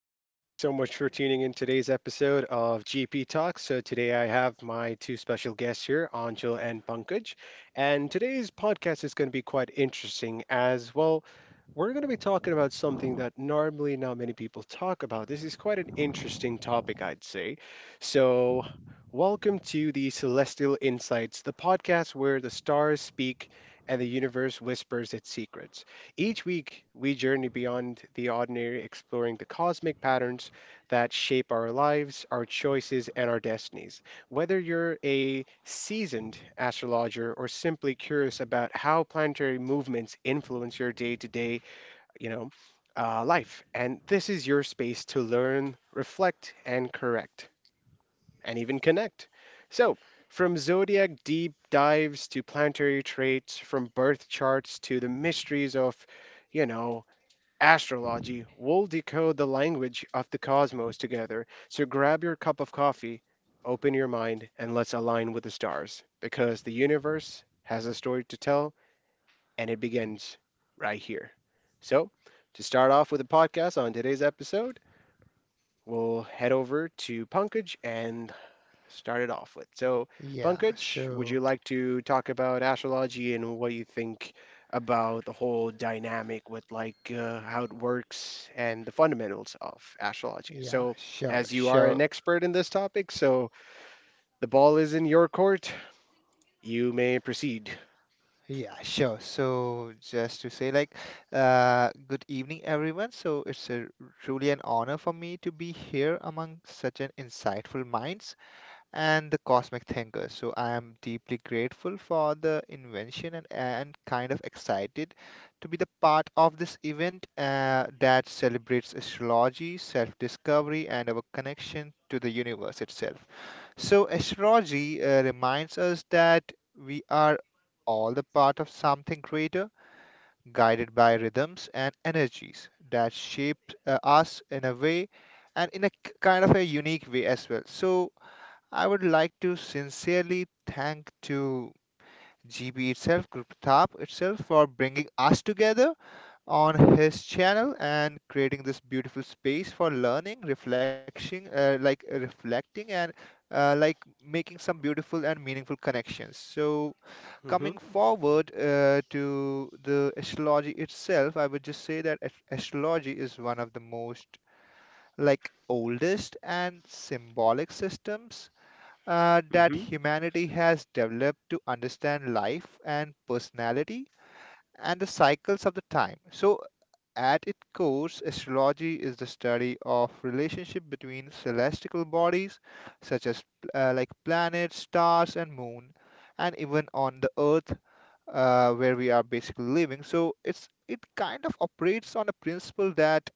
Hi, thank you so much for tuning in today's episode of GP Talk. So today I have my two special guests here, Anjal and Pankaj. And today's podcast is going to be quite interesting as well. We're going to be talking about something that normally not many people talk about. This is quite an interesting topic, I'd say. So, welcome to the Celestial Insights, the podcast where the stars speak and the universe whispers its secrets. Each week, we journey beyond the ordinary, exploring the cosmic patterns that shape our lives, our choices, and our destinies. Whether you're a seasoned astrologer or simply curious about how planetary movements influence your day to day, you know, life, and this is your space to learn, reflect, and correct, and even connect. So, from zodiac deep dives to planetary traits, from birth charts to the mysteries of, you know, astrology. We'll decode the language of the cosmos together. So grab your cup of coffee, open your mind, and let's align with the stars because the universe has a story to tell and it begins right here. So, to start off with the podcast on today's episode, we'll head over to Punkage and started off with. So, Yeah, Pankaj, would you so like to talk about astrology and what you think about the whole dynamic with how it works and the fundamentals of astrology? yeah, So, sure, as you are an sure. expert in this topic, so the ball is in your court. You may proceed. Yeah, sure. So just to say like, good evening everyone. So it's a, truly an honor for me to be here among such an insightful minds and the cosmic thinkers. So I am deeply grateful for the invention and kind of excited to be the part of this event that celebrates astrology, self-discovery and our connection to the universe itself. So, astrology reminds us that we are all the part of something greater, guided by rhythms and energies that shape us in a way and in a kind of a unique way as well. So, I would like to sincerely thank to GB itself, Group Tap itself, for bringing us together on his channel and creating this beautiful space for learning, reflection, like reflecting and uh, like making some beautiful and meaningful connections. So Mm-hmm. coming forward to the astrology itself, I would just say that astrology is one of the most like oldest and symbolic systems that Mm-hmm. humanity has developed to understand life and personality and the cycles of the time. So at its core, astrology is the study of relationship between celestial bodies such as planets, stars, and moon, and even on the Earth where we are basically living. So it kind of operates on a principle that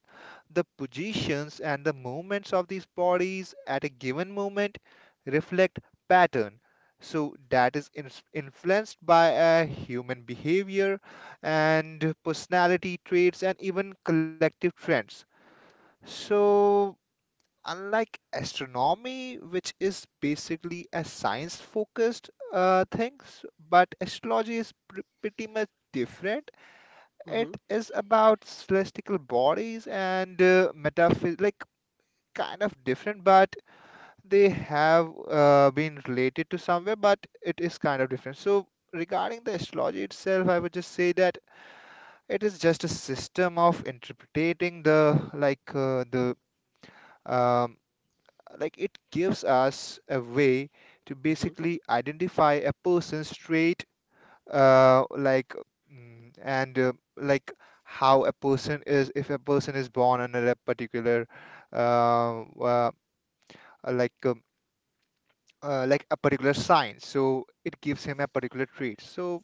the positions and the movements of these bodies at a given moment reflect pattern, so that is influenced by a human behavior and personality traits and even collective trends. So unlike astronomy, which is basically a science focused things, but astrology is pretty much different. It Mm-hmm. is about celestial bodies and metaphysics, like kind of different, but they have been related to somewhere, but it is kind of different. So, regarding the astrology itself, I would just say that it is just a system of interpreting the um, like, it gives us a way to basically identify a person's trait, like mm, and like how a person is, if a person is born under a particular uh, uh, like uh, a particular sign, so it gives him a particular trait. So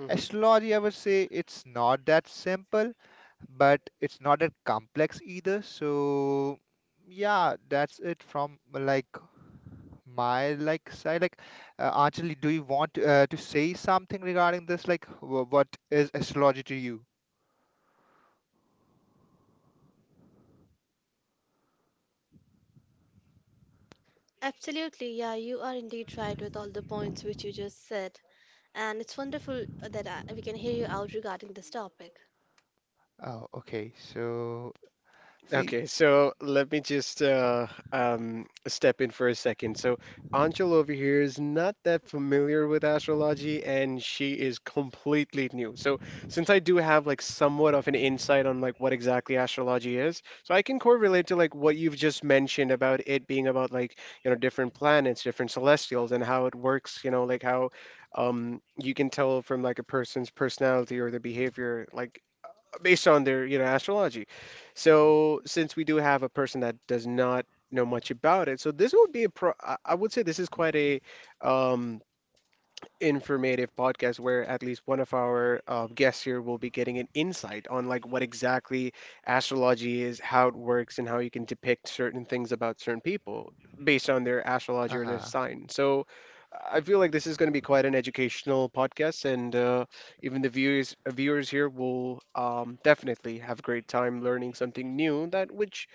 Mm-hmm. astrology, I would say it's not that simple, but it's not that complex either. So yeah, that's it from my side. Like, Anjali, do you want to say something regarding this? Like what is astrology to you? Absolutely, yeah, you are indeed right with all the points which you just said, and it's wonderful that we can hear you out regarding this topic. Oh, okay. So see, Okay, so let me just step in for a second. So Angel over here is not that familiar with astrology, and she is completely new. So since I do have like somewhat of an insight on like what exactly astrology is, so I can correlate to like what you've just mentioned about it being about like, you know, different planets, different celestials, and how it works. You know, like how you can tell from like a person's personality or their behavior, like based on their, you know, astrology. So since we do have a person that does not know much about it, so this would be a pro, I would say this is quite a um informative podcast where at least one of our guests here will be getting an insight on like what exactly astrology is, how it works, and how you can depict certain things about certain people based on their astrology or their uh-huh. sign. So I feel like this is going to be quite an educational podcast, and even the viewers here will definitely have a great time learning something new that which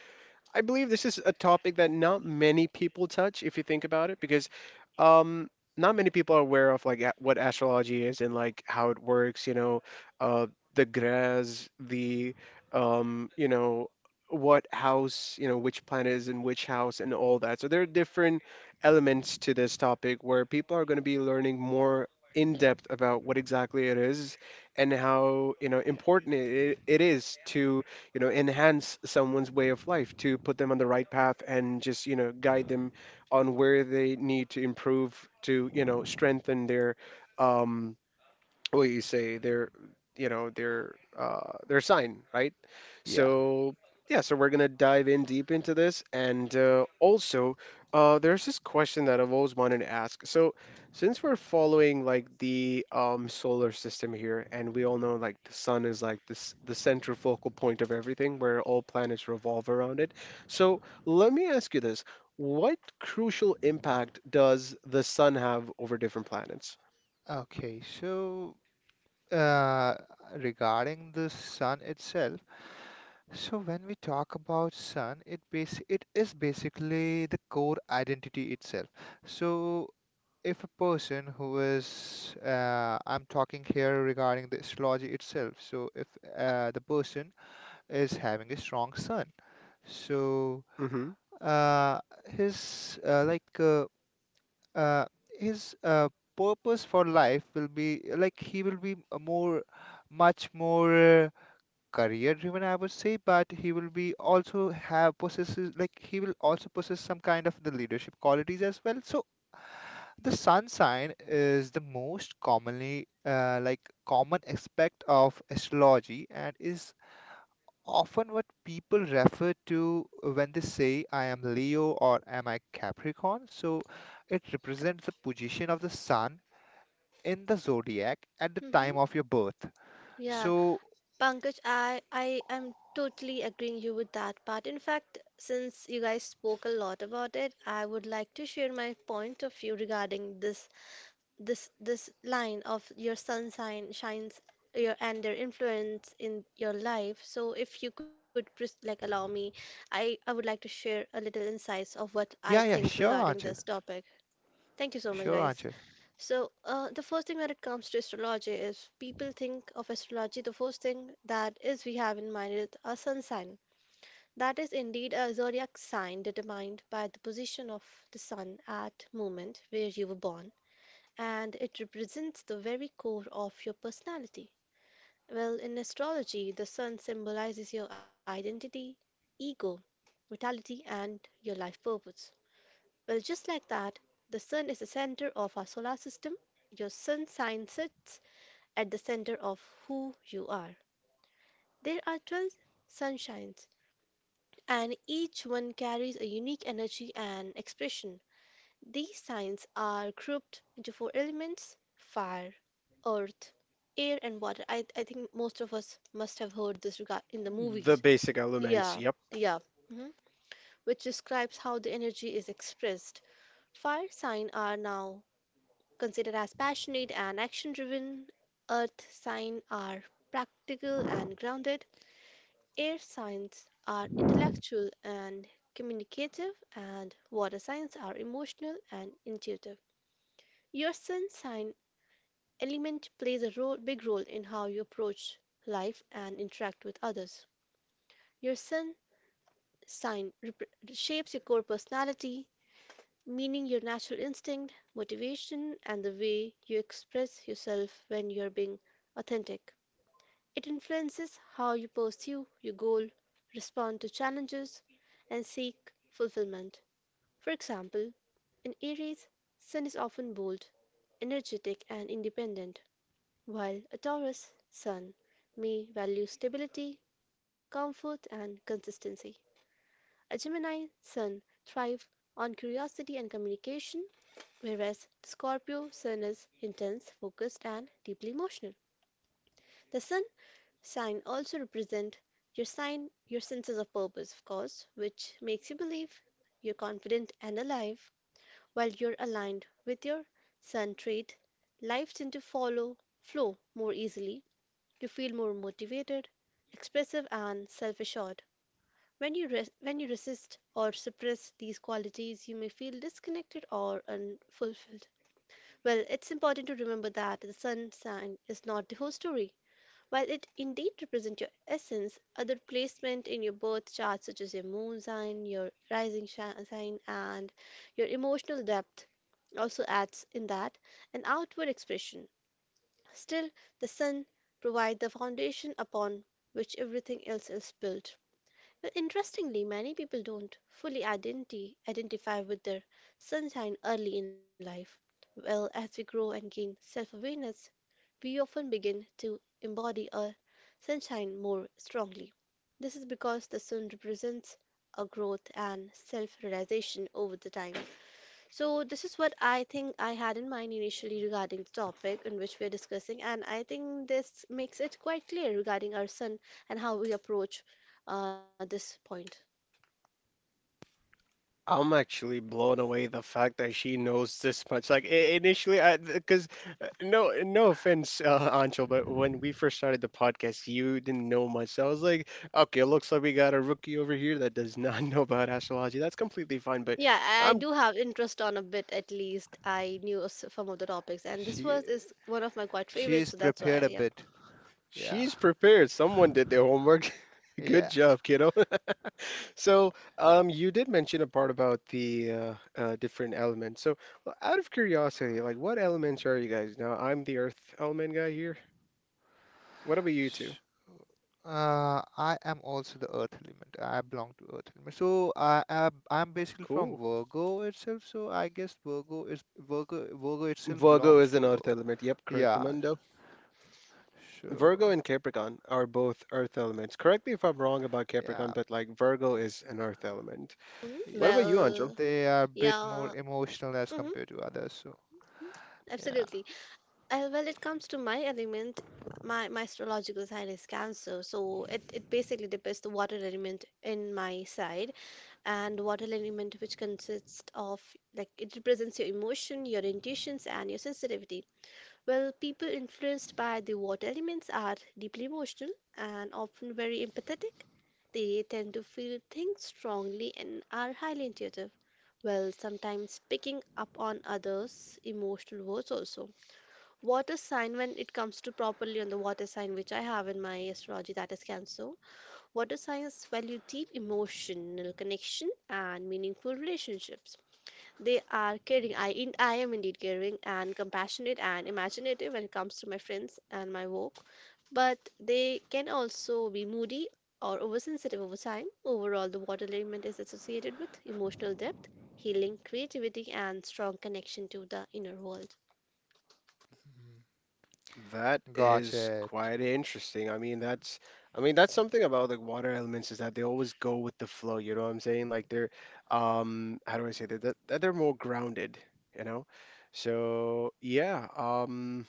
I believe this is a topic that not many people touch if you think about it, because um, not many people are aware of like what astrology is and like how it works, uh, the grass, the you know, what house, you know, which planet is in which house and all that. So there are different elements to this topic where people are going to be learning more in depth about what exactly it is and how, you know, important it is to, you know, enhance someone's way of life, to put them on the right path and just, you know, guide them on where they need to improve to, you know, strengthen their um, what you say their, you know, their sign, right? Yeah. So yeah, so we're gonna dive in deep into this and also, there's this question that I've always wanted to ask. So since we're following like the solar system here and we all know like the sun is like this the central focal point of everything where all planets revolve around it, so let me ask you this: what crucial impact does the sun have over different planets? Okay. So uh regarding the sun itself. So when we talk about sun, it is basically the core identity itself. So if a person who is, I'm talking here regarding the astrology itself. So if the person is having a strong sun, so Mm-hmm. uh, his uh, like uh, uh, his purpose for life will be like he will be a more much more career driven, I would say, but he will be also have possesses, like he will also possess some kind of the leadership qualities as well. So the sun sign is the most commonly common aspect of astrology and is often what people refer to when they say I am Leo or am I Capricorn. So it represents the position of the sun in the zodiac at the time Hmm of your birth. Yeah, So Pankaj, I am totally agreeing you with that part. In fact, since you guys spoke a lot about it, I would like to share my point of view regarding this. This line of your sun sign shines your and their influence in your life. So if you could just like allow me, I would like to share a little insights of what I yeah, think sure, regarding Anchal. this topic. Thank you so much, sure guys. Anchal So the first thing when it comes to astrology is people think of astrology. The first thing that is we have in mind is a sun sign. That is indeed a zodiac sign determined by the position of the sun at moment where you were born, and it represents the very core of your personality. Well, in astrology, the sun symbolizes your identity, ego, vitality, and your life purpose. Well, just like that, the sun is the center of our solar system. Your sun sign sits at the center of who you are. There are 12 sunshines, and each one carries a unique energy and expression. These signs are grouped into four elements: fire, earth, air, and water. I think most of us must have heard this regard in the The movies. basic elements, Yeah, yep. yeah. mhm, Which describes how the energy is expressed. Fire sign are now considered as passionate and action driven. Earth sign are practical and grounded. Air signs are intellectual and communicative, and water signs are emotional and intuitive. Your sun sign element plays big role in how you approach life and interact with others. Your sun sign rep- Shapes your core personality, meaning your natural instinct, motivation, and the way you express yourself when you're being authentic. It influences how you pursue your goal, respond to challenges, and seek fulfillment. For example, in Aries, Sun is often bold, energetic, and independent, while a Taurus sun may value stability, comfort, and consistency. A Gemini sun thrives on curiosity and communication, whereas the Scorpio sun is intense, focused, and deeply emotional. The sun sign also represent your sign, your senses of purpose, of course, which makes you believe you're confident and alive, while you're aligned with your sun trait, life tends to follow flow more easily. You feel more motivated, expressive, and self assured. When you resist or suppress these qualities, you may feel disconnected or unfulfilled. Well, it's important to remember that the sun sign is not the whole story. While it indeed represents your essence, other placement in your birth chart, such as your moon sign, your sign, and your emotional depth, also adds in that an outward expression. Still, the sun provides the foundation upon which everything else is built. Well, interestingly, many people don't fully identify with their sun sign early in life. Well, as we grow and gain self awareness, we often begin to embody our sunshine more strongly. This is because the sun represents a growth and self realization over the time. So, this is what I think I had in mind initially regarding the topic in which we're discussing, and I think this makes it quite clear regarding our son and how we approach this point. I'm actually blown away the fact that she knows this much. Initially, I, because no no offense, Ancho, but when we first started the podcast, you didn't know much. So I was like, okay, it looks like we got a rookie over here that does not know about astrology. That's completely fine, but Yeah, I I'm do have interest on a bit at least. I knew some of the topics, and this She, was is one of my quite favorites, is so that's prepared why, a yeah. bit. Yeah, she's prepared. Someone did their homework. Good yeah. job, kiddo. So, you did mention a part about the different elements. So, well, out of curiosity, like what elements are you guys? Now, I'm the earth element guy here. What about you two? Sh- I am also the earth element. I belong to earth element. So I'm basically from Cool. Virgo itself. So I guess Virgo is Virgo Virgo itself Virgo belongs is to an earth earth. element. Yep, correct, Yeah. Mundo. Virgo So and Capricorn are both earth elements. Correct me if I'm wrong about Capricorn, yeah, but like Virgo is an earth element. Mhm. What about yeah. you, Angel? Well, They are a bit more yeah, emotional as hmm compared to others. So yeah, absolutely. Well, it comes to my element. My astrological sign is Cancer, so it basically depicts the water element in my side, and water element which consists of like it represents your emotion, your intuitions, and your sensitivity. Well, people influenced by the water elements are deeply emotional and often very empathetic. They tend to feel things strongly and are highly intuitive. Well, sometimes picking up on others' emotional words also. Water sign when it comes to properly on the water sign which I have in my astrology, that is cancer. Water signs value deep emotional connection and meaningful relationships. They are caring. I am indeed caring and compassionate and imaginative when it comes to my friends and my work, but they can also be moody or oversensitive over time. Overall, the water element is associated with emotional depth, healing, creativity, and strong connection to the inner world. That got is it. quite interesting. I mean, that's something about the water elements is that they always go with the flow, you know what I'm saying? Like they're how do I say that? That they're more grounded, you know? So, yeah,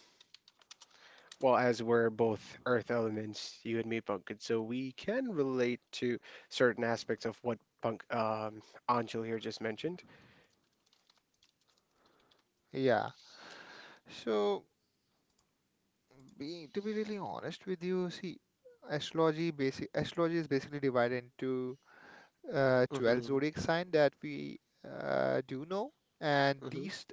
well, as we're both earth elements, you and me, Punked, so we can relate to certain aspects of what Punk Anjul here just mentioned. Yeah. So. Being to be really honest with you, see, astrology is basically divided into 12 Hmm. zodiac sign that we do know, and Hmm. these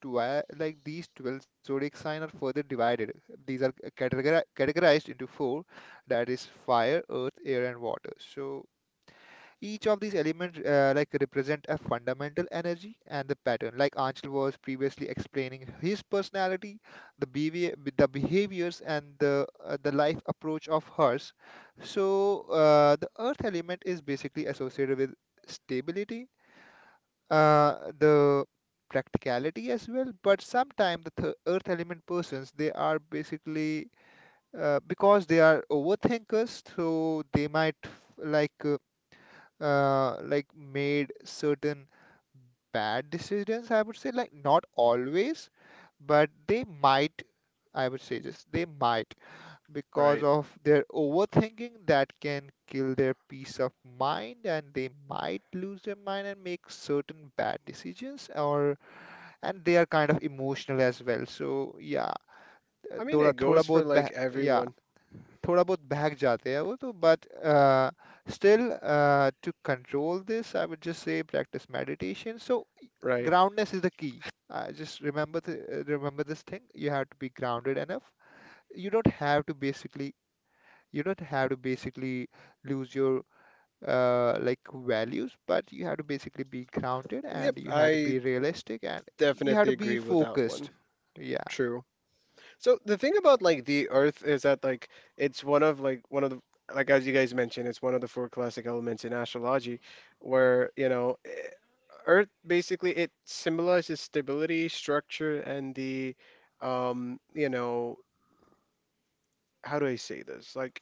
12 like these 12 zodiac sign are further divided. These are categorized into four, that is fire, earth, air, and water. So each of these elements represent a fundamental energy and the pattern. Like Anshul was previously explaining his personality, the behaviors, and the life approach of hers. So the earth element is basically associated with stability, the practicality as well. But sometimes the earth element persons, they are basically because they are overthinkers, so they might made certain bad decisions, I would say, like not always, but they might, I would say just they might because Right. of their overthinking that can kill their peace of mind, and they might lose their mind and make certain bad decisions, or and they are kind of emotional as well. So yeah, I mean, थोड़ा it थोड़ा goes for बहुत like बह- yeah everyone, थोड़ा बहुत बहक जाते हैं वो तो but still to control this I would just say practice meditation so right? groundness is the key. The just remember remember this thing you have to be grounded enough. You don't have to basically you don't have to basically lose your values, but you have to basically be grounded Yep, and you have to I be realistic and you have definitely to be agree with that one. focused. Yeah, True. So the thing about like the Earth is that like, one of the, like as you guys mentioned, it's one of the four classic elements in astrology, where Earth basically it symbolizes stability, structure, and the you know, how do I say this, like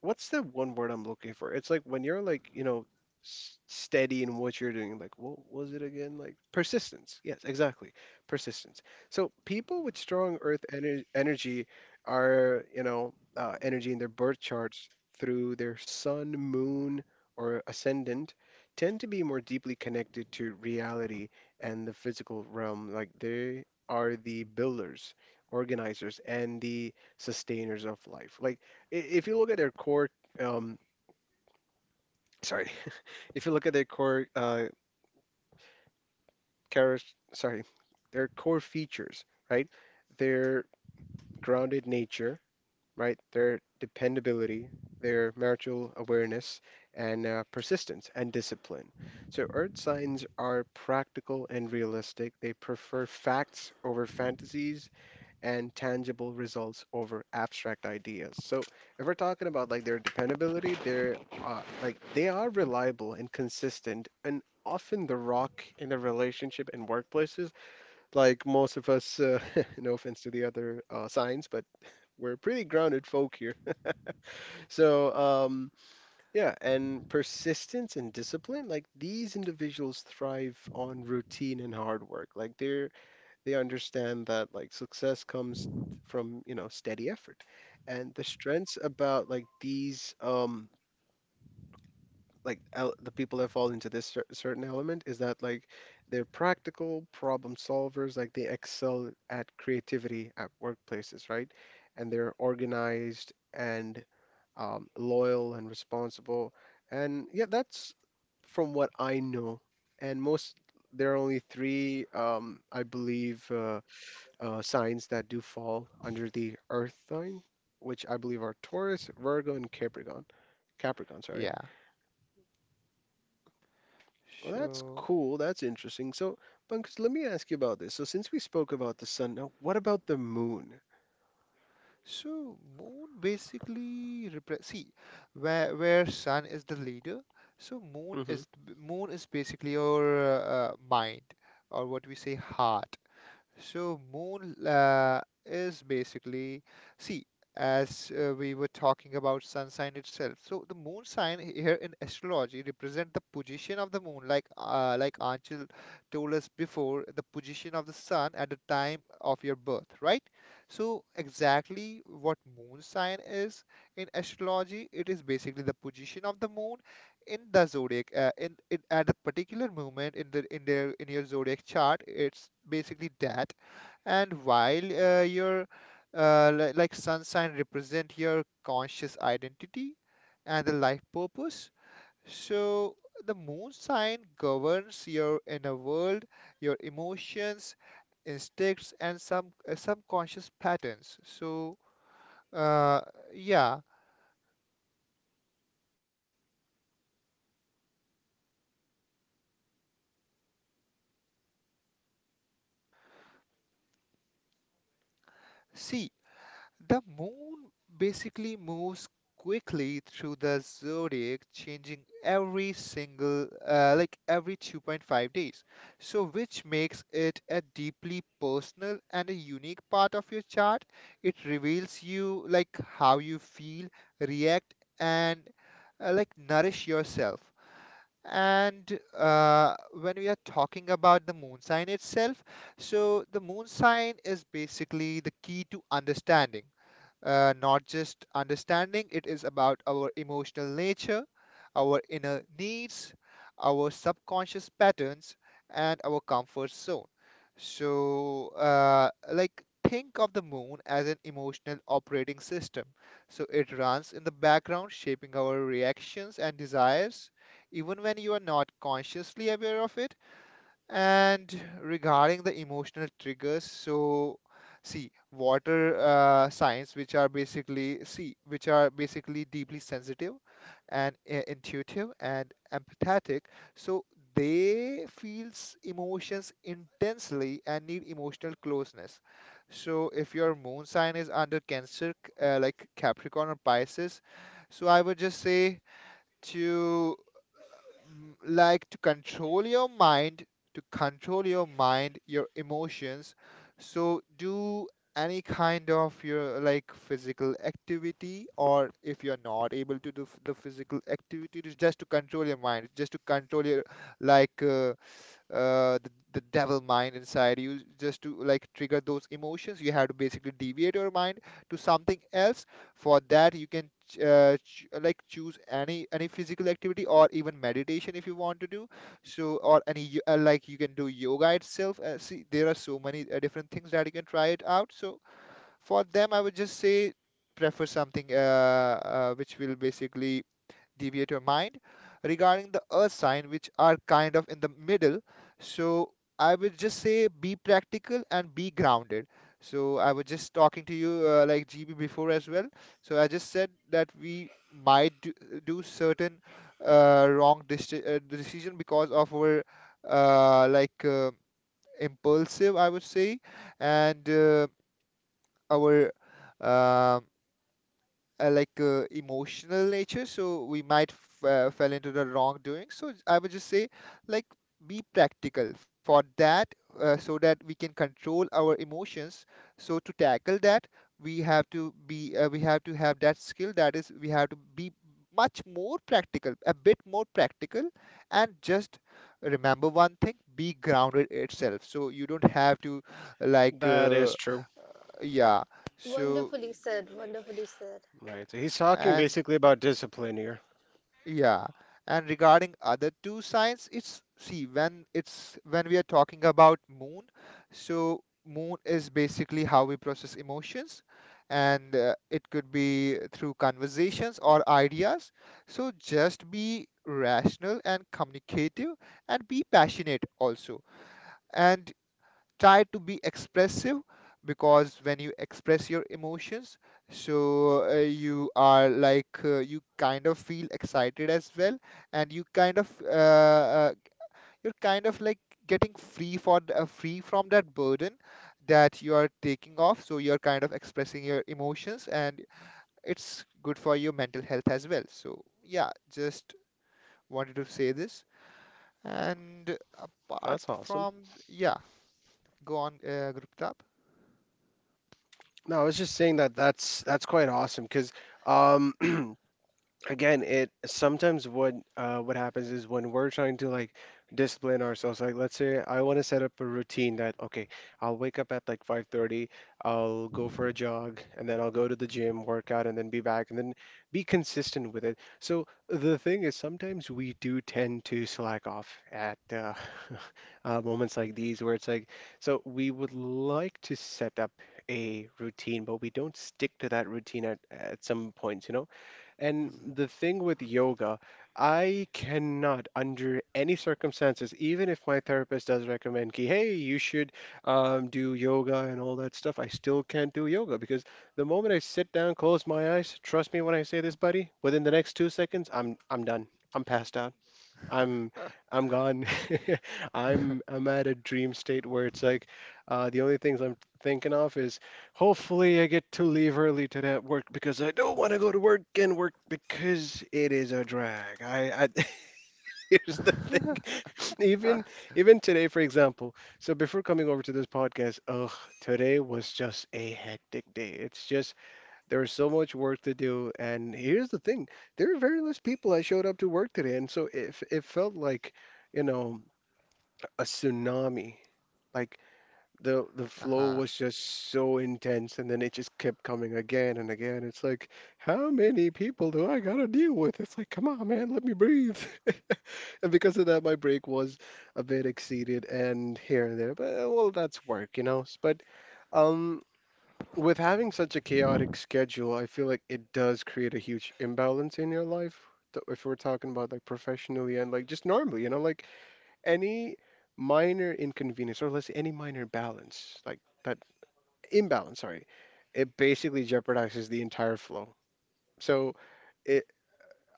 what's the one word I'm looking for? It's like when you're like, you know, steady in what you're doing, like what was it again? Like persistence. Yes, exactly. Persistence. So people with strong earth ener energy are, you know, energy in their birth charts through their sun, moon, or ascendant tend to be more deeply connected to reality and the physical realm. Like they are the builders, organizers, and the sustainers of life. Like if you look at their core, um, sorry, if you look at their core character, sorry, their core features, right? Their grounded nature, right? Their dependability, their marital awareness, and persistence and discipline. So earth signs are practical and realistic. They prefer facts over fantasies and tangible results over abstract ideas. So if we're talking about like their dependability, they are reliable and consistent and often the rock in the relationship and workplaces. Like most of us, no offense to the other signs, but we're pretty grounded folk here. So yeah, and persistence and discipline, like these individuals thrive on routine and hard work. Like they understand that like success comes from, you know, steady effort. And the strengths about like these like el the people that fall into this certain element is that like they're practical problem solvers, like they excel at creativity at workplaces, right? And they're organized and loyal and responsible. And yeah, that's from what I know. And most there are only three, I believe, signs that do fall under the Earth sign, which I believe are Taurus, Virgo, and Capricorn. Capricorn, sorry. yeah. Well, that's So cool. That's interesting. So, Pankaj, let me ask you about this. So, since we spoke about the sun, now what about the moon? so moon basically represents, see, where sun is the leader. So moon Hmm. is moon is basically your mind, or what we say, heart. So moon is basically, see, as we were talking about sun sign itself. So the moon sign here in astrology represent the position of the moon, like Anchal told us before, the position of the sun at the time of your birth, right? So exactly what moon sign is in astrology, it is basically the position of the moon in the zodiac in at a particular moment in the in your zodiac chart. It's basically that. And while your sun sign represent your conscious identity and the life purpose, so the moon sign governs your inner world, your emotions, instincts, and some subconscious patterns. So uh, yeah, see, the moon basically moves quickly through the zodiac, changing every single, like every 2.5 days. So, which makes it a deeply personal and a unique part of your chart. It reveals you, like, how you feel, react, and nourish yourself. And when we are talking about the moon sign itself, so the moon sign is basically the key to understanding not just understanding, it is about our emotional nature, our inner needs, our subconscious patterns, and our comfort zone. So, think of the moon as an emotional operating system. So, it runs in the background, shaping our reactions and desires, even when you are not consciously aware of it. And regarding the emotional triggers, so see water signs, which are basically deeply sensitive and intuitive and empathetic. So they feels emotions intensely and need emotional closeness. So if your moon sign is under Cancer, Capricorn or Pisces, so I would just say to mm, like to control your mind, to control your mind, your emotions. So do any kind of your like physical activity, or if you're not able to do the physical activity, it's just to control your mind, just to control your like. The devil mind inside you, just to like trigger those emotions, you have to basically deviate your mind to something else. For that you can choose any physical activity or even meditation if you want to do so, or any you can do yoga itself. See there are so many different things that you can try it out. So for them, I would just say prefer something which will basically deviate your mind. Regarding the earth sign, which are kind of in the middle, so I would just say be practical and be grounded. So I was just talking to you GB before as well. So I just said that we might do certain wrong decision because of our uh, like uh, impulsive, I would say, and our um emotional nature, so we might f fell into the wrongdoing. So I would just say, like, be practical for that, so that we can control our emotions. So to tackle that, we have to be we have to have that skill. That is, we have to be a bit more practical, and just remember one thing: be grounded itself. So you don't have to like That uh, is true. yeah. So Wonderfully said, wonderfully said. Yeah. Right. So he's talking and basically about discipline here. yeah, and regarding other two signs, it's see when it's when we are talking about moon, so moon is basically how we process emotions, and it could be through conversations or ideas. So just be rational and communicative and be passionate also. And try to be expressive because when you express your emotions, you are like, you kind of feel excited as well, and you kind of you're kind of like getting free free from that burden that you are taking off, so you're kind of expressing your emotions, and it's good for your mental health as well. So yeah, just wanted to say this and apart That's awesome. from yeah, go on, Guptap. No, I was just saying that that's quite awesome because um, again it sometimes what happens is when we're trying to like discipline ourselves, like let's say I want to set up a routine that okay, I'll wake up at like 5:30, I'll go for a jog and then I'll go to the gym, work out and then be back and then be consistent with it. So the thing is sometimes we do tend to slack off at moments like these where it's like so we would like to set up a routine but we don't stick to that routine at some points, you know. And Mhm. the thing with yoga, I cannot, under any circumstances, even if my therapist does recommend, ki, hey, you should do yoga and all that stuff, I still can't do yoga because the moment I sit down, close my eyes, trust me when I say this, buddy, within the next 2 seconds, I'm done. I'm passed out. I'm I'm gone. I'm I'm at a dream state where it's like the only things I'm thinking of is hopefully I get to leave early today at work because I don't want to go to work and work because it is a drag. I here's the thing. Even even today, for example. So before coming over to this podcast, ugh, today was just a hectic day. It's just there was so much work to do, and here's the thing: there were very less people that showed up to work today, and so it felt like, you know, a tsunami. Like the flow Uh-huh. was just so intense, and then it just kept coming again and again. It's like, how many people do I gotta deal with? It's like, come on, man, let me breathe. And because of that, my break was a bit exceeded and here and there, but well, that's work. But um, with having such a chaotic schedule, I feel like it does create a huge imbalance in your life. If we're talking about like professionally and like just normally, you know, like any minor inconvenience or let's say any minor balance, like that imbalance, sorry, it basically jeopardizes the entire flow. So, it,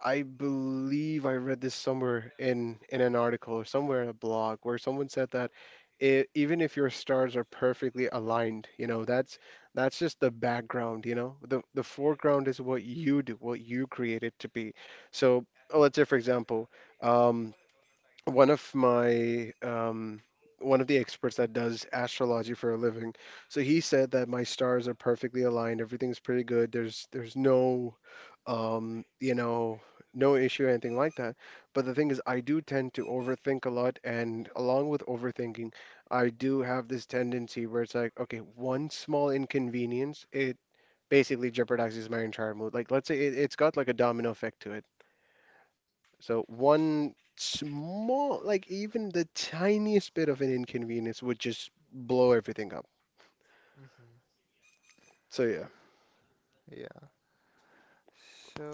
I believe I read this somewhere in an article or somewhere in a blog where someone said that I even if your stars are perfectly aligned, you know, that's just the background, you know. The foreground is what you do, what you create it to be. So let's say, for example, um, one of my um, one of the experts that does astrology for a living. So he said that my stars are perfectly aligned. Everything's pretty good. There's no um, you know no issue or anything like that. But the thing is, I do tend to overthink a lot, and along with overthinking, I do have this tendency where it's like, okay, one small inconvenience, it basically jeopardizes my entire mood. Like let's say it's got like a domino effect to it. So one small, like even the tiniest bit of an inconvenience would just blow everything up. Hmm. So yeah. Yeah.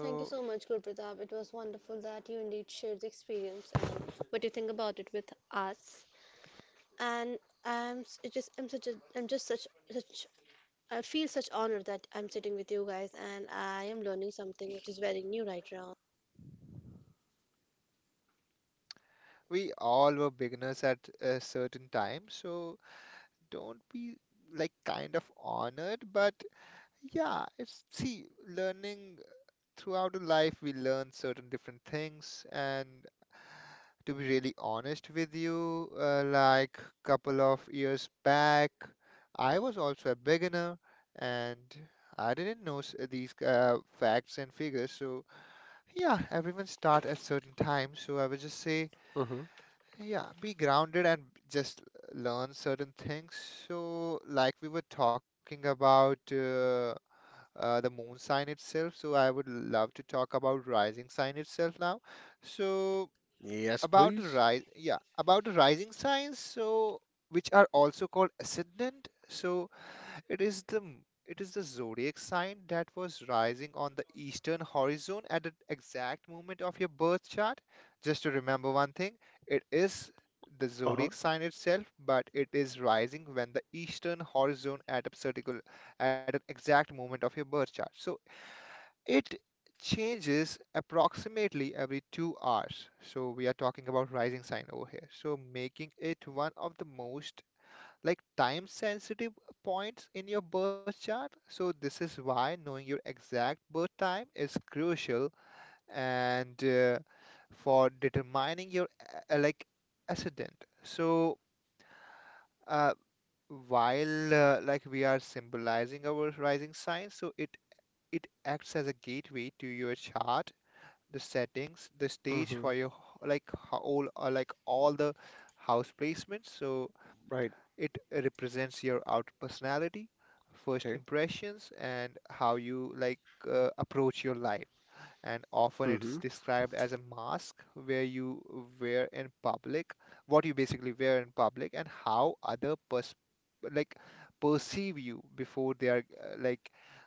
Thank you so much, Guru Pratap. It was wonderful that you indeed shared the experience and what you think about it with us. And it just I'm just such I feel such honor that I'm sitting with you guys and I am learning something which is very new right now. we all were beginners at a certain time, so don't be like kind of honored, but yeah, it's see, learning throughout our life, we learn certain different things, and to be really honest with you, like couple of years back, I was also a beginner, and I didn't know these facts and figures, so. Yeah, everyone start at certain times, so I would just say, Hmm. yeah, be grounded and just learn certain things. So, like we were talking about the moon sign itself, so I would love to talk about rising sign itself now. So, Yes, about the please. rise, yeah, about the rising signs, so which are also called ascendant. So, it is the it is the zodiac sign that was rising on the eastern horizon at the exact moment of your birth chart. Just to remember one thing, it is the Uh-huh. zodiac sign itself, but it is rising when the eastern horizon at a particular at an exact moment of your birth chart. So it changes approximately every 2 hours. So we are talking about rising sign over here, so making it one of the most like time sensitive points in your birth chart. So, this is why knowing your exact birth time is crucial and for determining your like ascendant. So, uh, while like we are symbolizing our rising sign, so it acts as a gateway to your chart, the settings, the stage Hmm. for your all like all the house placements. So Right. it represents your outer personality, first Okay. impressions, and how you like approach your life. And often it's Hmm. described as a mask where you wear in public, what you basically wear in public, and how other pers like perceive you before they are, uh, like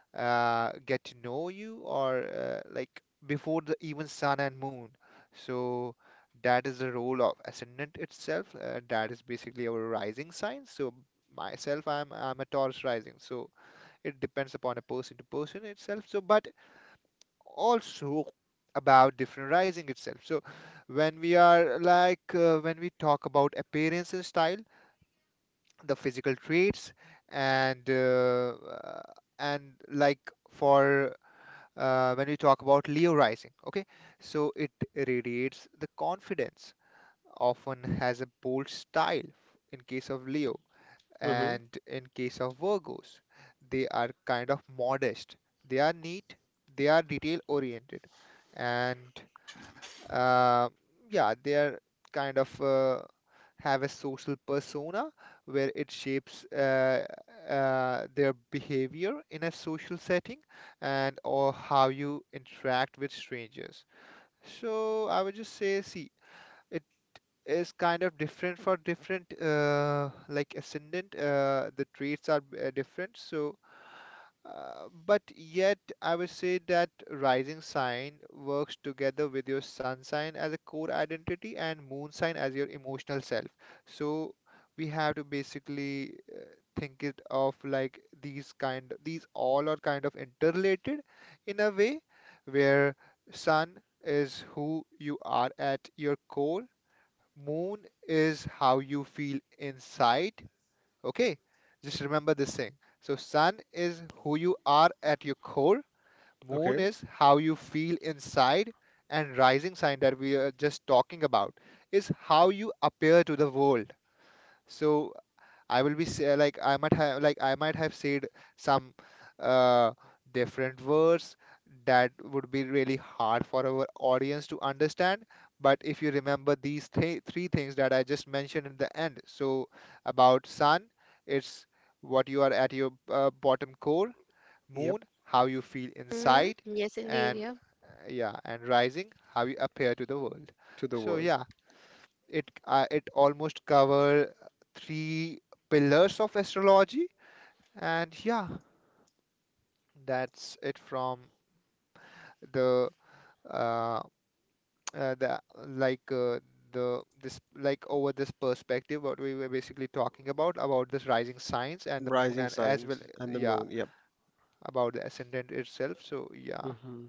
uh, get to know you, or like before the even sun and moon. So that is the role of ascendant itself. That is basically our rising sign. So myself, I'm a Taurus rising. So it depends upon a person to person itself. So but also about different rising itself. So when we are when we talk about appearance and style, the physical traits and uh, uh, and like for when we talk about Leo rising, okay? So it radiates the confidence, often has a bold style in case of Leo, Hmm. and in case of Virgos, they are kind of modest, they are neat, they are detail oriented, and uh, yeah, they are kind of have a social persona where it shapes their behavior in a social setting and or how you interact with strangers. So I would just say, see, it is kind of different for different like ascendant. The traits are different. So but yet, I would say that rising sign works together with your sun sign as a core identity and moon sign as your emotional self. So we have to basically think it of like these kind, these all are kind of interrelated in a way where sun is who you are at your core, moon is how you feel inside. Okay, just remember this thing. So, sun is who you are at your core, moon Okay. is how you feel inside, and rising sign that we are just talking about is how you appear to the world. So, I will be say, like I might have said some uh, different words that would be really hard for our audience to understand. But if you remember these th three things that I just mentioned in the end, so about sun, it's what you are at your bottom core, moon, Yep. how you feel Mm-hmm. inside, Yes, and indeed. Yeah. Yeah, and rising, how you appear to the world. To the So world. yeah, it almost cover three pillars of astrology, and yeah, that's it from the uh, the like the this like over this perspective what we were basically talking about this rising signs and the moon Rising and as well, signs and the yeah, moon. Yep. about the ascendant itself. So yeah. Hmm.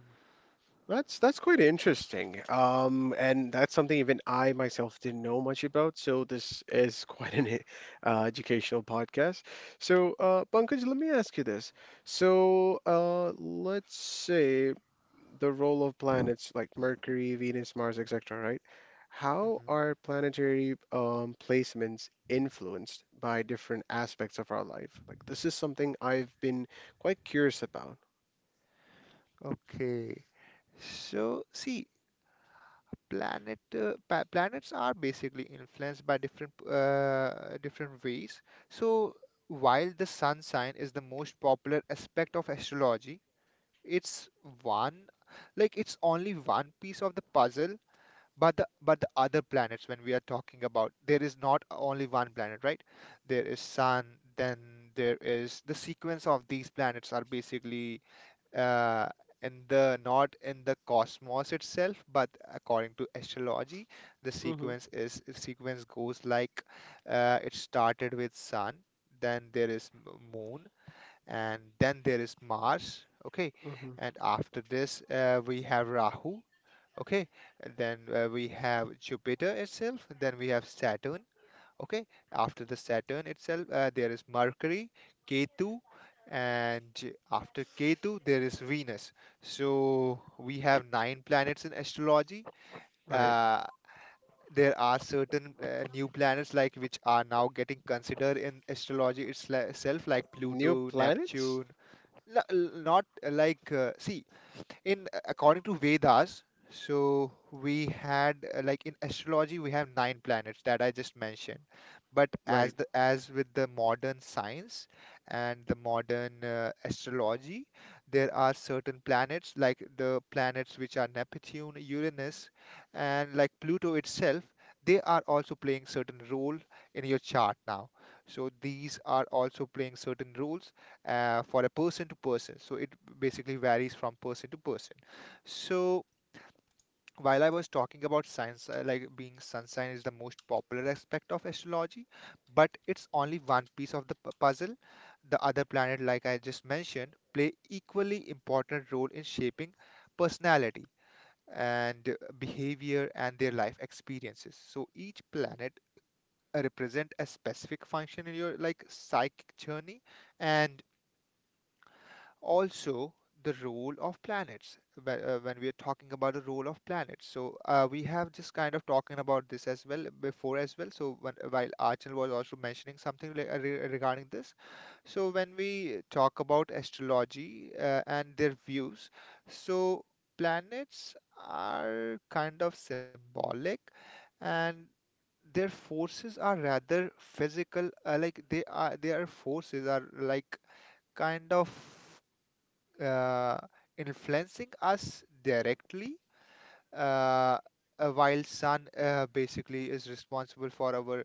That's quite interesting. And that's something even I myself didn't know much about. So this is quite an educational podcast. So, Pankaj, let me ask you this. So, let's say the role of planets like Mercury, Venus, Mars, etc., right? How Hmm. are planetary placements influenced by different aspects of our life? Like this is something I've been quite curious about. Okay. So, see, planets are basically influenced by different ways. So while the sun sign is the most popular aspect of astrology, it's one like it's only one piece of the puzzle. But the other planets when we are talking about, there is not only one planet, right? There is sun, then there is the sequence of these planets are basically, uh, in the not in the cosmos itself, but according to astrology, the Hmm. sequence is the sequence goes like it started with sun, then there is moon, and then there is Mars. Okay, Hmm. and after this we have Rahu. Okay, and then we have Jupiter itself, then we have Saturn. Okay, after the Saturn itself, there is Mercury, Ketu, and after Ketu, there is Venus. So we have nine planets in astrology. Right. Uh, there are certain new planets like which are now getting considered in astrology itself, like New Pluto, planets? Neptune. Not like see, in according to Vedas, so we had like in astrology we have nine planets that I just mentioned. But Right. As with the modern science and the modern astrology, there are certain planets like the planets which are Neptune, Uranus, and like Pluto itself. They are also playing certain role in your chart now. So these are also playing certain roles for a person to person. So it basically varies from person to person. So while I was talking about signs, like being sun sign is the most popular aspect of astrology, but it's only one piece of the puzzle. The other planet, like I just mentioned, play equally important role in shaping personality and behavior and their life experiences. So each planet represent a specific function in your like psychic journey, and also the role of planets when we are talking about the role of planets, so we have just kind of talking about this as well before as well. So when, while Archil was also mentioning something like, regarding this, so when we talk about astrology and their views, so planets are kind of symbolic, and their forces are rather physical, like they are their forces are like kind of uh, influencing us directly. uh, while sun basically is responsible for our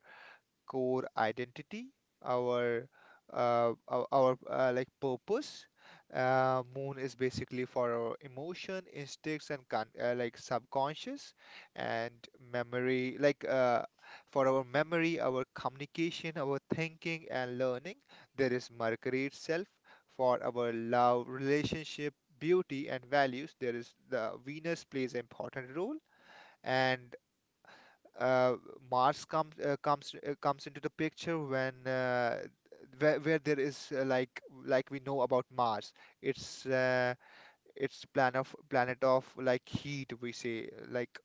core identity, our like purpose. Moon is basically for our emotion, instincts, and con like subconscious and memory, for our memory, our communication, our thinking and learning. There is Mercury itself for our love, relationship, beauty, and values. There is the Venus plays an important role, and uh, Mars comes into the picture when, where there is, like we know about Mars, it's uh, it's planet of like heat we say like,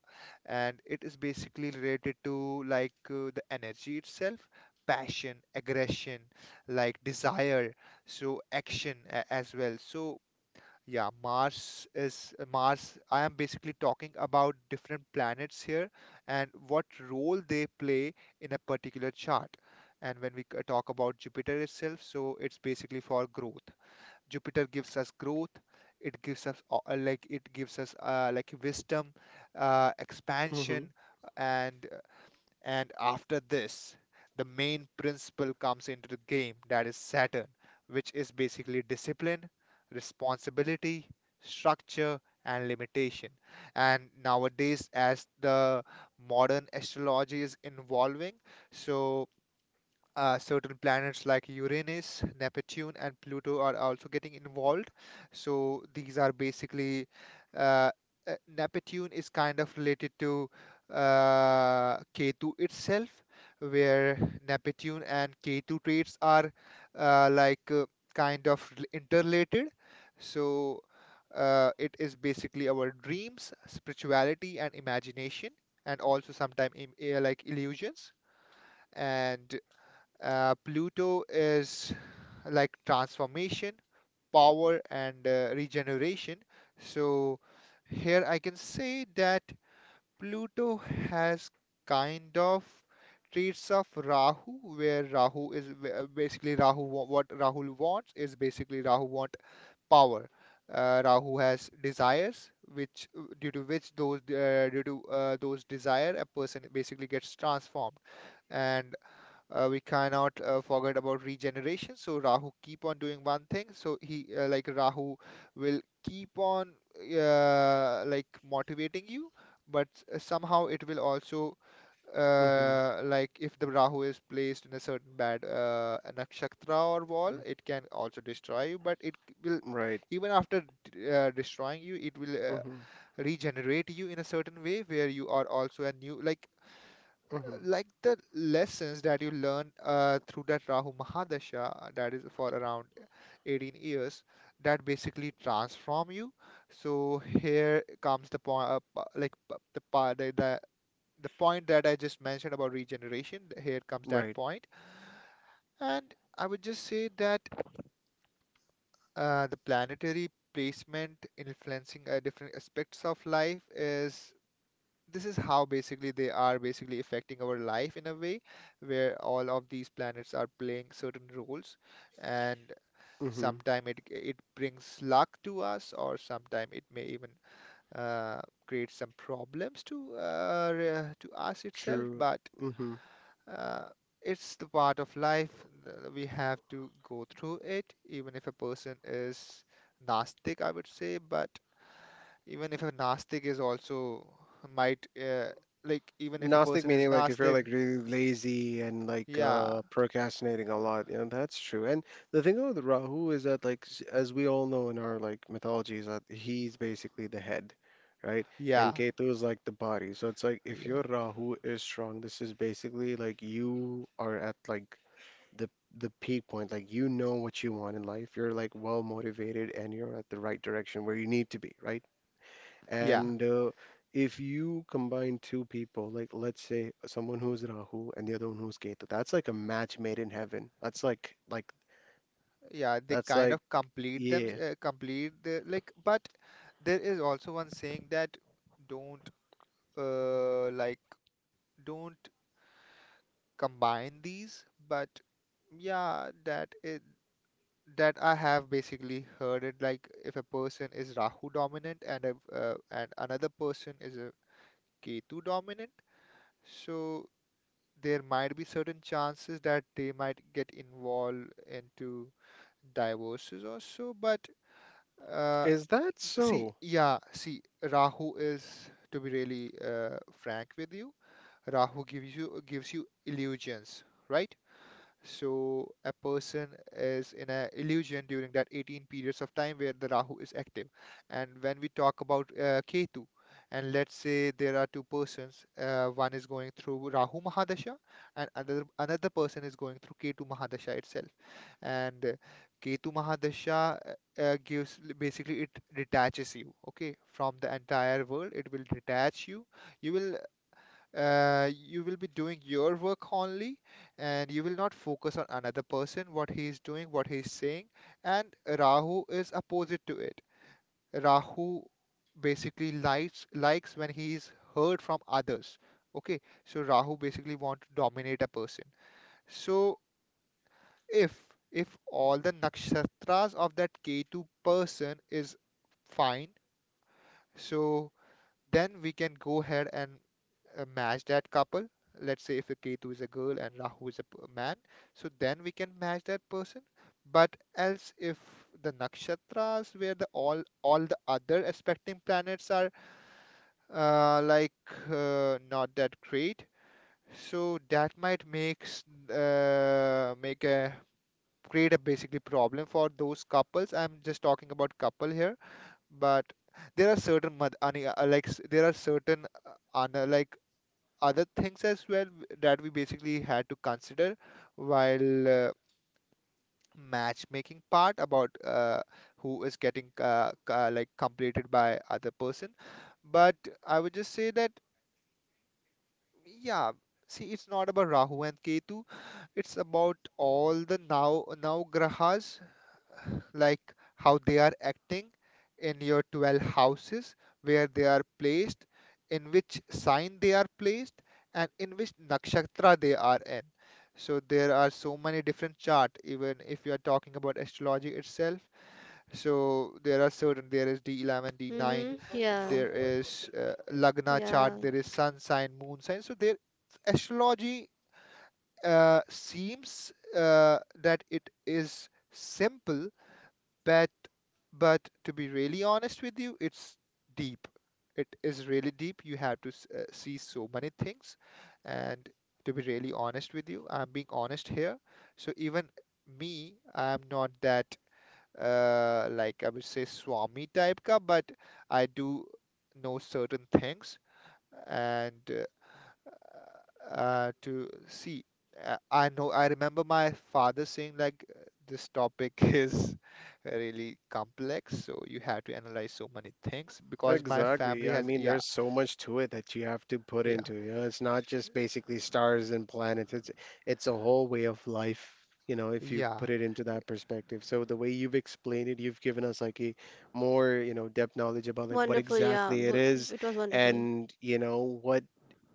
and it is basically related to like the energy itself, passion, aggression, like desire, so action as well. So yeah, Mars is Mars. I am basically talking about different planets here and what role they play in a particular chart. And when we talk about Jupiter itself, so it's basically for growth. Jupiter gives us growth. It gives us it gives us like wisdom, Mm-hmm. expansion, and and after this, the main principle comes into the game, that is Saturn, which is basically discipline, responsibility, structure, and limitation. And nowadays, as the modern astrology is evolving, so certain planets like Uranus, Neptune, and Pluto are also getting involved. So these are basically uh, Neptune is kind of related to Ketu itself, where Neptune and Ketu traits are uh, like uh, kind of interrelated. So it is basically our dreams, spirituality, and imagination, and also sometimes like illusions. And Pluto is like transformation, power, and regeneration. So here I can say that Pluto has kind of traits of Rahu, where Rahu. What Rahu wants is basically Rahu want power. Rahu has desires, which due to which those due to those desire, a person basically gets transformed. And We cannot forget about regeneration. So Rahu keep on doing one thing. So he like Rahu will keep on like motivating you, but somehow it will also Mm-hmm. Like if the Rahu is placed in a certain bad nakshatra or wall, it can also destroy you. But it will, Right. even after destroying you, it will Mm-hmm. regenerate you in a certain way where you are also a new like Mm-hmm. like the lessons that you learn through that Rahu Mahadasha, that is for around 18 years, that basically transform you. So here comes the point, the part, the point that I just mentioned about regeneration. Here comes that Right. point, and I would just say that the planetary placement influencing different aspects of life is, this is how basically they are basically affecting our life in a way where all of these planets are playing certain roles, and Mm-hmm. sometime it brings luck to us, or sometime it may even uh, create some problems to to us itself. True. But Mm-hmm. uh, it's the part of life, we have to go through it even if a person is Gnostic, I would say. But even if a Nastic is also might like, even if a Gnostic person is meaning like if you're Nastic, like really lazy and like yeah, procrastinating a lot, you know, that's true. And the thing with Rahu is that like as we all know in our like mythology is that he's basically the head, right? And yeah, Ketu is like the body. So it's like if your yeah, Rahu is strong, this is basically like you are at like the the peak point. Like you know what you want in life. You're like well motivated and you're at the right direction where you need to be, right? yeah, And if you combine two people, like let's say someone who's Rahu and the other one who's Ketu, that's like a match made in heaven. That's like yeah, they that's kind like of complete them, yeah. Complete the like. But there is also one saying that don't uh like don't combine these, but yeah, that is. That I have basically heard it, like if a person is Rahu dominant, and if, and another person is a Ketu dominant, so there might be certain chances that they might get involved into divorces or so. But uh, Is that see, so? yeah, see, Rahu is, to be really frank with you, Rahu gives you, gives you illusions, right? So a person is in a illusion during that 18 periods of time where the Rahu is active. And when we talk about Ketu, and let's say there are two persons, one is going through Rahu Mahadasha, and another person is going through Ketu Mahadasha itself. And Ketu Mahadasha gives, basically, it detaches you, okay, from the entire world. It will detach you. You will you will be doing your work only, and you will not focus on another person, what he is doing, what he is saying. And Rahu is opposite to it. Rahu basically likes when he is heard from others, okay? So Rahu basically want to dominate a person. So if if all the nakshatras of that Ketu person is fine, so then we can go ahead and match that couple. Let's say if a Ketu is a girl and Rahu is a man, so then we can match that person. But else, if the nakshatras where the all the other aspecting planets are uh, like not that great, so that might makes make a create a basically problem for those couples. I'm just talking about couple here, but there are certain there are certain other things as well that we basically had to consider while matchmaking part about who is getting like completed by other person. But I would just say that, yeah, see, it's not about Rahu and Ketu, it's about all the now grahas, like how they are acting in your 12 houses, where they are placed, in which sign they are placed, and in which nakshatra they are in. So there are so many different chart, even if you are talking about astrology itself. So there are certain, there is D11, D9, Mm-hmm. Yeah. there is Lagna chart, Yeah. there is sun sign, moon sign. So there, astrology seems that it is simple, but but to be really honest with you, it's deep. It is really deep. You have to see so many things. And to be really honest with you, I'm being honest here. So even me, I'm not that like, I would say, Swami type ka, but I do know certain things. And to see. I know, I remember my father saying like this topic is really complex, so you have to analyze so many things because my Exactly. family I has, mean, yeah, there's so much to it that you have to put yeah, into, you know, it's not just basically stars and planets. It's a whole way of life, you know, if you yeah, put it into that perspective. So the way you've explained it, you've given us like a more, you know, depth knowledge about like what Wonderful. Yeah. exactly it But is it was wonderful. and, you know, what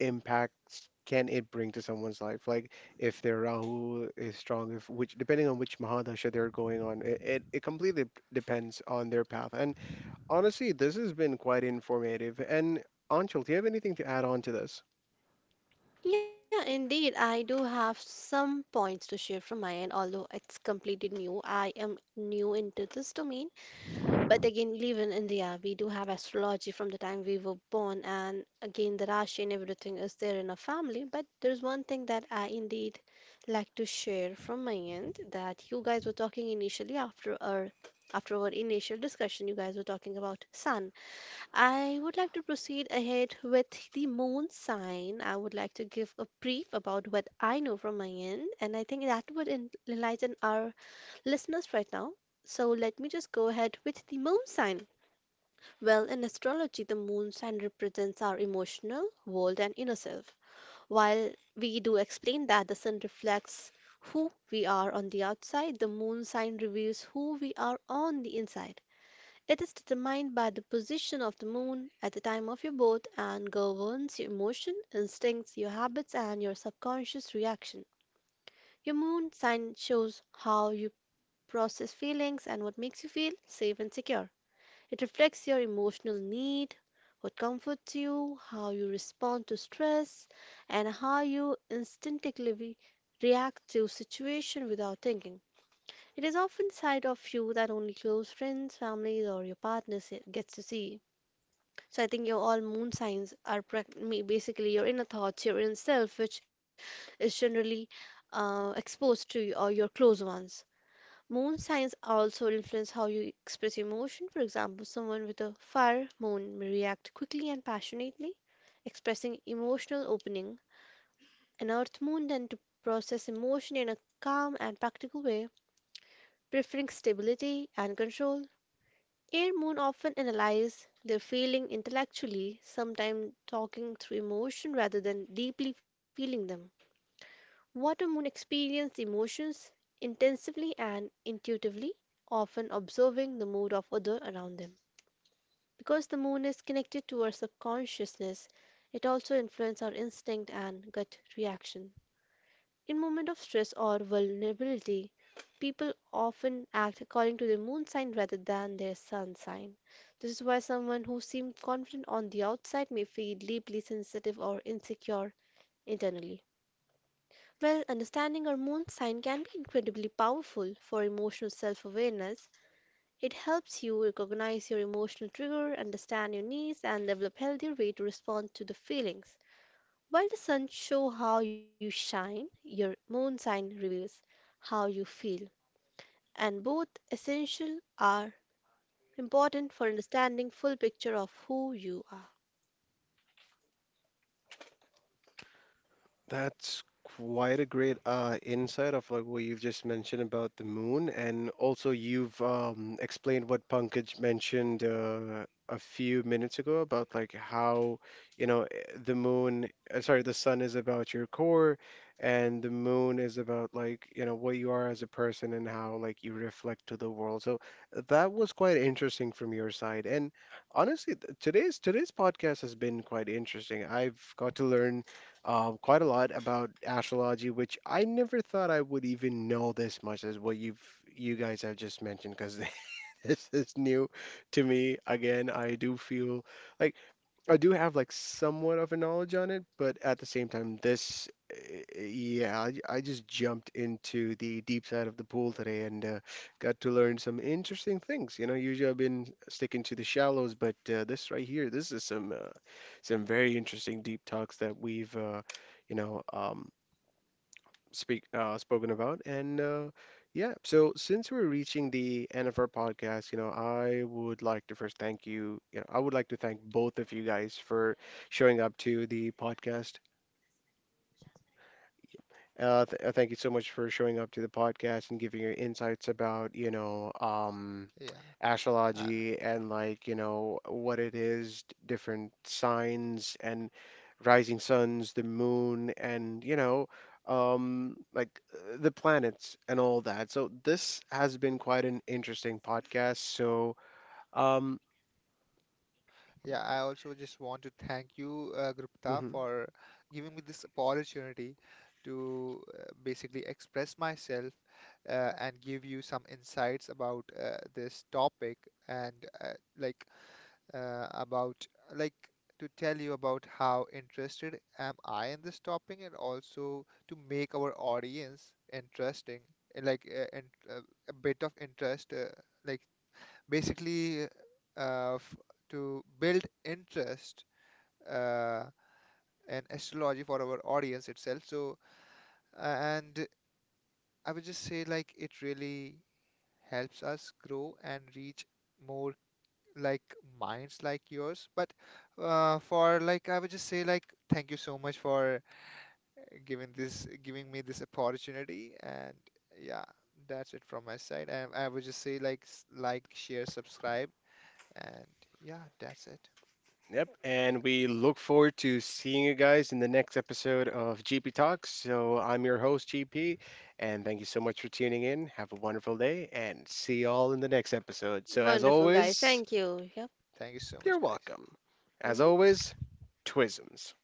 impacts can it bring to someone's life? Like if their Rahu is strong, if which depending on which Mahadasha they're going on, it completely depends on their path. And honestly, this has been quite informative. And Anshul, do you have anything to add on to this? Yeah, indeed. I do have some points to share from my end, although completely new. I am new into this domain. But again, even in India, we do have astrology from the time we were born, and again, the Rashi and everything is there in our family. But there's one thing that I indeed like to share from my end, that you guys were talking initially after our initial discussion. You guys were talking about sun. I would like to proceed ahead with the moon sign. I would like to give a brief about what I know from my end, and I think that would enlighten our listeners right now. So let me just go ahead with the moon sign. Well, in astrology, the moon sign represents our emotional world and inner self. While we do explain that the sun reflects who we are on the outside, the moon sign reveals who we are on the inside. It is determined by the position of the moon at the time of your birth and governs your emotion, instincts, your habits, and your subconscious reaction. Your moon sign shows how you process feelings and what makes you feel safe and secure. It reflects your emotional need, what comforts you, how you respond to stress, and how you instinctively react to situation without thinking. It is often side of you that only close friends, families, or your partners gets to see. So I think your all moon signs are basically your inner thoughts, your inner self, which is generally exposed to or your close ones. Moon signs also influence how you express emotion. For example, someone with a fire moon may react quickly and passionately, expressing emotional opening. An earth moon tend to process emotion in a calm and practical way, preferring stability and control. Air moon often analyze their feeling intellectually, sometimes talking through emotion rather than deeply feeling them. Water moon experience emotions intensively and intuitively, often observing the mood of others around them. Because the moon is connected to our subconsciousness, it also influences our instinct and gut reaction. In moments of stress or vulnerability, people often act according to their moon sign rather than their sun sign. This is why someone who seems confident on the outside may feel deeply sensitive or insecure internally. Well, understanding our moon sign can be incredibly powerful for emotional self awareness. It helps you recognize your emotional trigger, understand your needs, and develop healthier way to respond to the feelings. While the sun shows how you shine, your moon sign reveals how you feel. And both essential are important for understanding full picture of who you are. That's quite a great insight of like what you've just mentioned about the moon, and also you've explained what Pankaj mentioned a few minutes ago about like how you know eh, the moon, sorry, the sun is about your core, and the moon is about like you know what you are as a person and how like you reflect to the world. So that was quite interesting from your side, and honestly, today's podcast has been quite interesting. I've got to learn quite a lot about astrology, which I never thought I would even know this much as what you guys have just mentioned, because this is new to me. Again, I do feel like I do have like somewhat of a knowledge on it, but at the same time, yeah, I just jumped into the deep side of the pool today and got to learn some interesting things. You know, usually I've been sticking to the shallows, but this right here, this is some very interesting deep talks that we've, you know, speak spoken about. And yeah, so since we're reaching the end of our podcast, you know, I would like to first thank you. You know, I would like to thank both of you guys for showing up to the podcast. Th Thank you so much for showing up to the podcast and giving your insights about, you know, yeah. Uh, astrology and like, you know, what it is, different signs and rising suns, the moon, and, you know, the planets and all that. So this has been quite an interesting podcast. Um, yeah, I also just want to thank you, Gupta, mhm. for giving me this opportunity to basically express myself and give you some insights about this topic and uh, like about like, to tell you about how interested am I in this topic, and also to make our audience interesting, like and uh, a bit of interest, like basically f to build interest uh, in astrology for our audience itself. So and I would just say like, it really helps us grow and reach more, like, minds like yours. But for like, I would just say like, thank you so much for giving me this opportunity. And yeah, that's it from my side. And I would just say like, like, share, subscribe, and yeah, that's it. Yep, and we look forward to seeing you guys in the next episode of GP Talks. So I'm your host, GP, and thank you so much for tuning in. Have a wonderful day, and see you all in the next episode. So, as Wonderful guys, always, thank you. Yep. Thank you so much, you're guys. welcome. As always, hmm Twisms.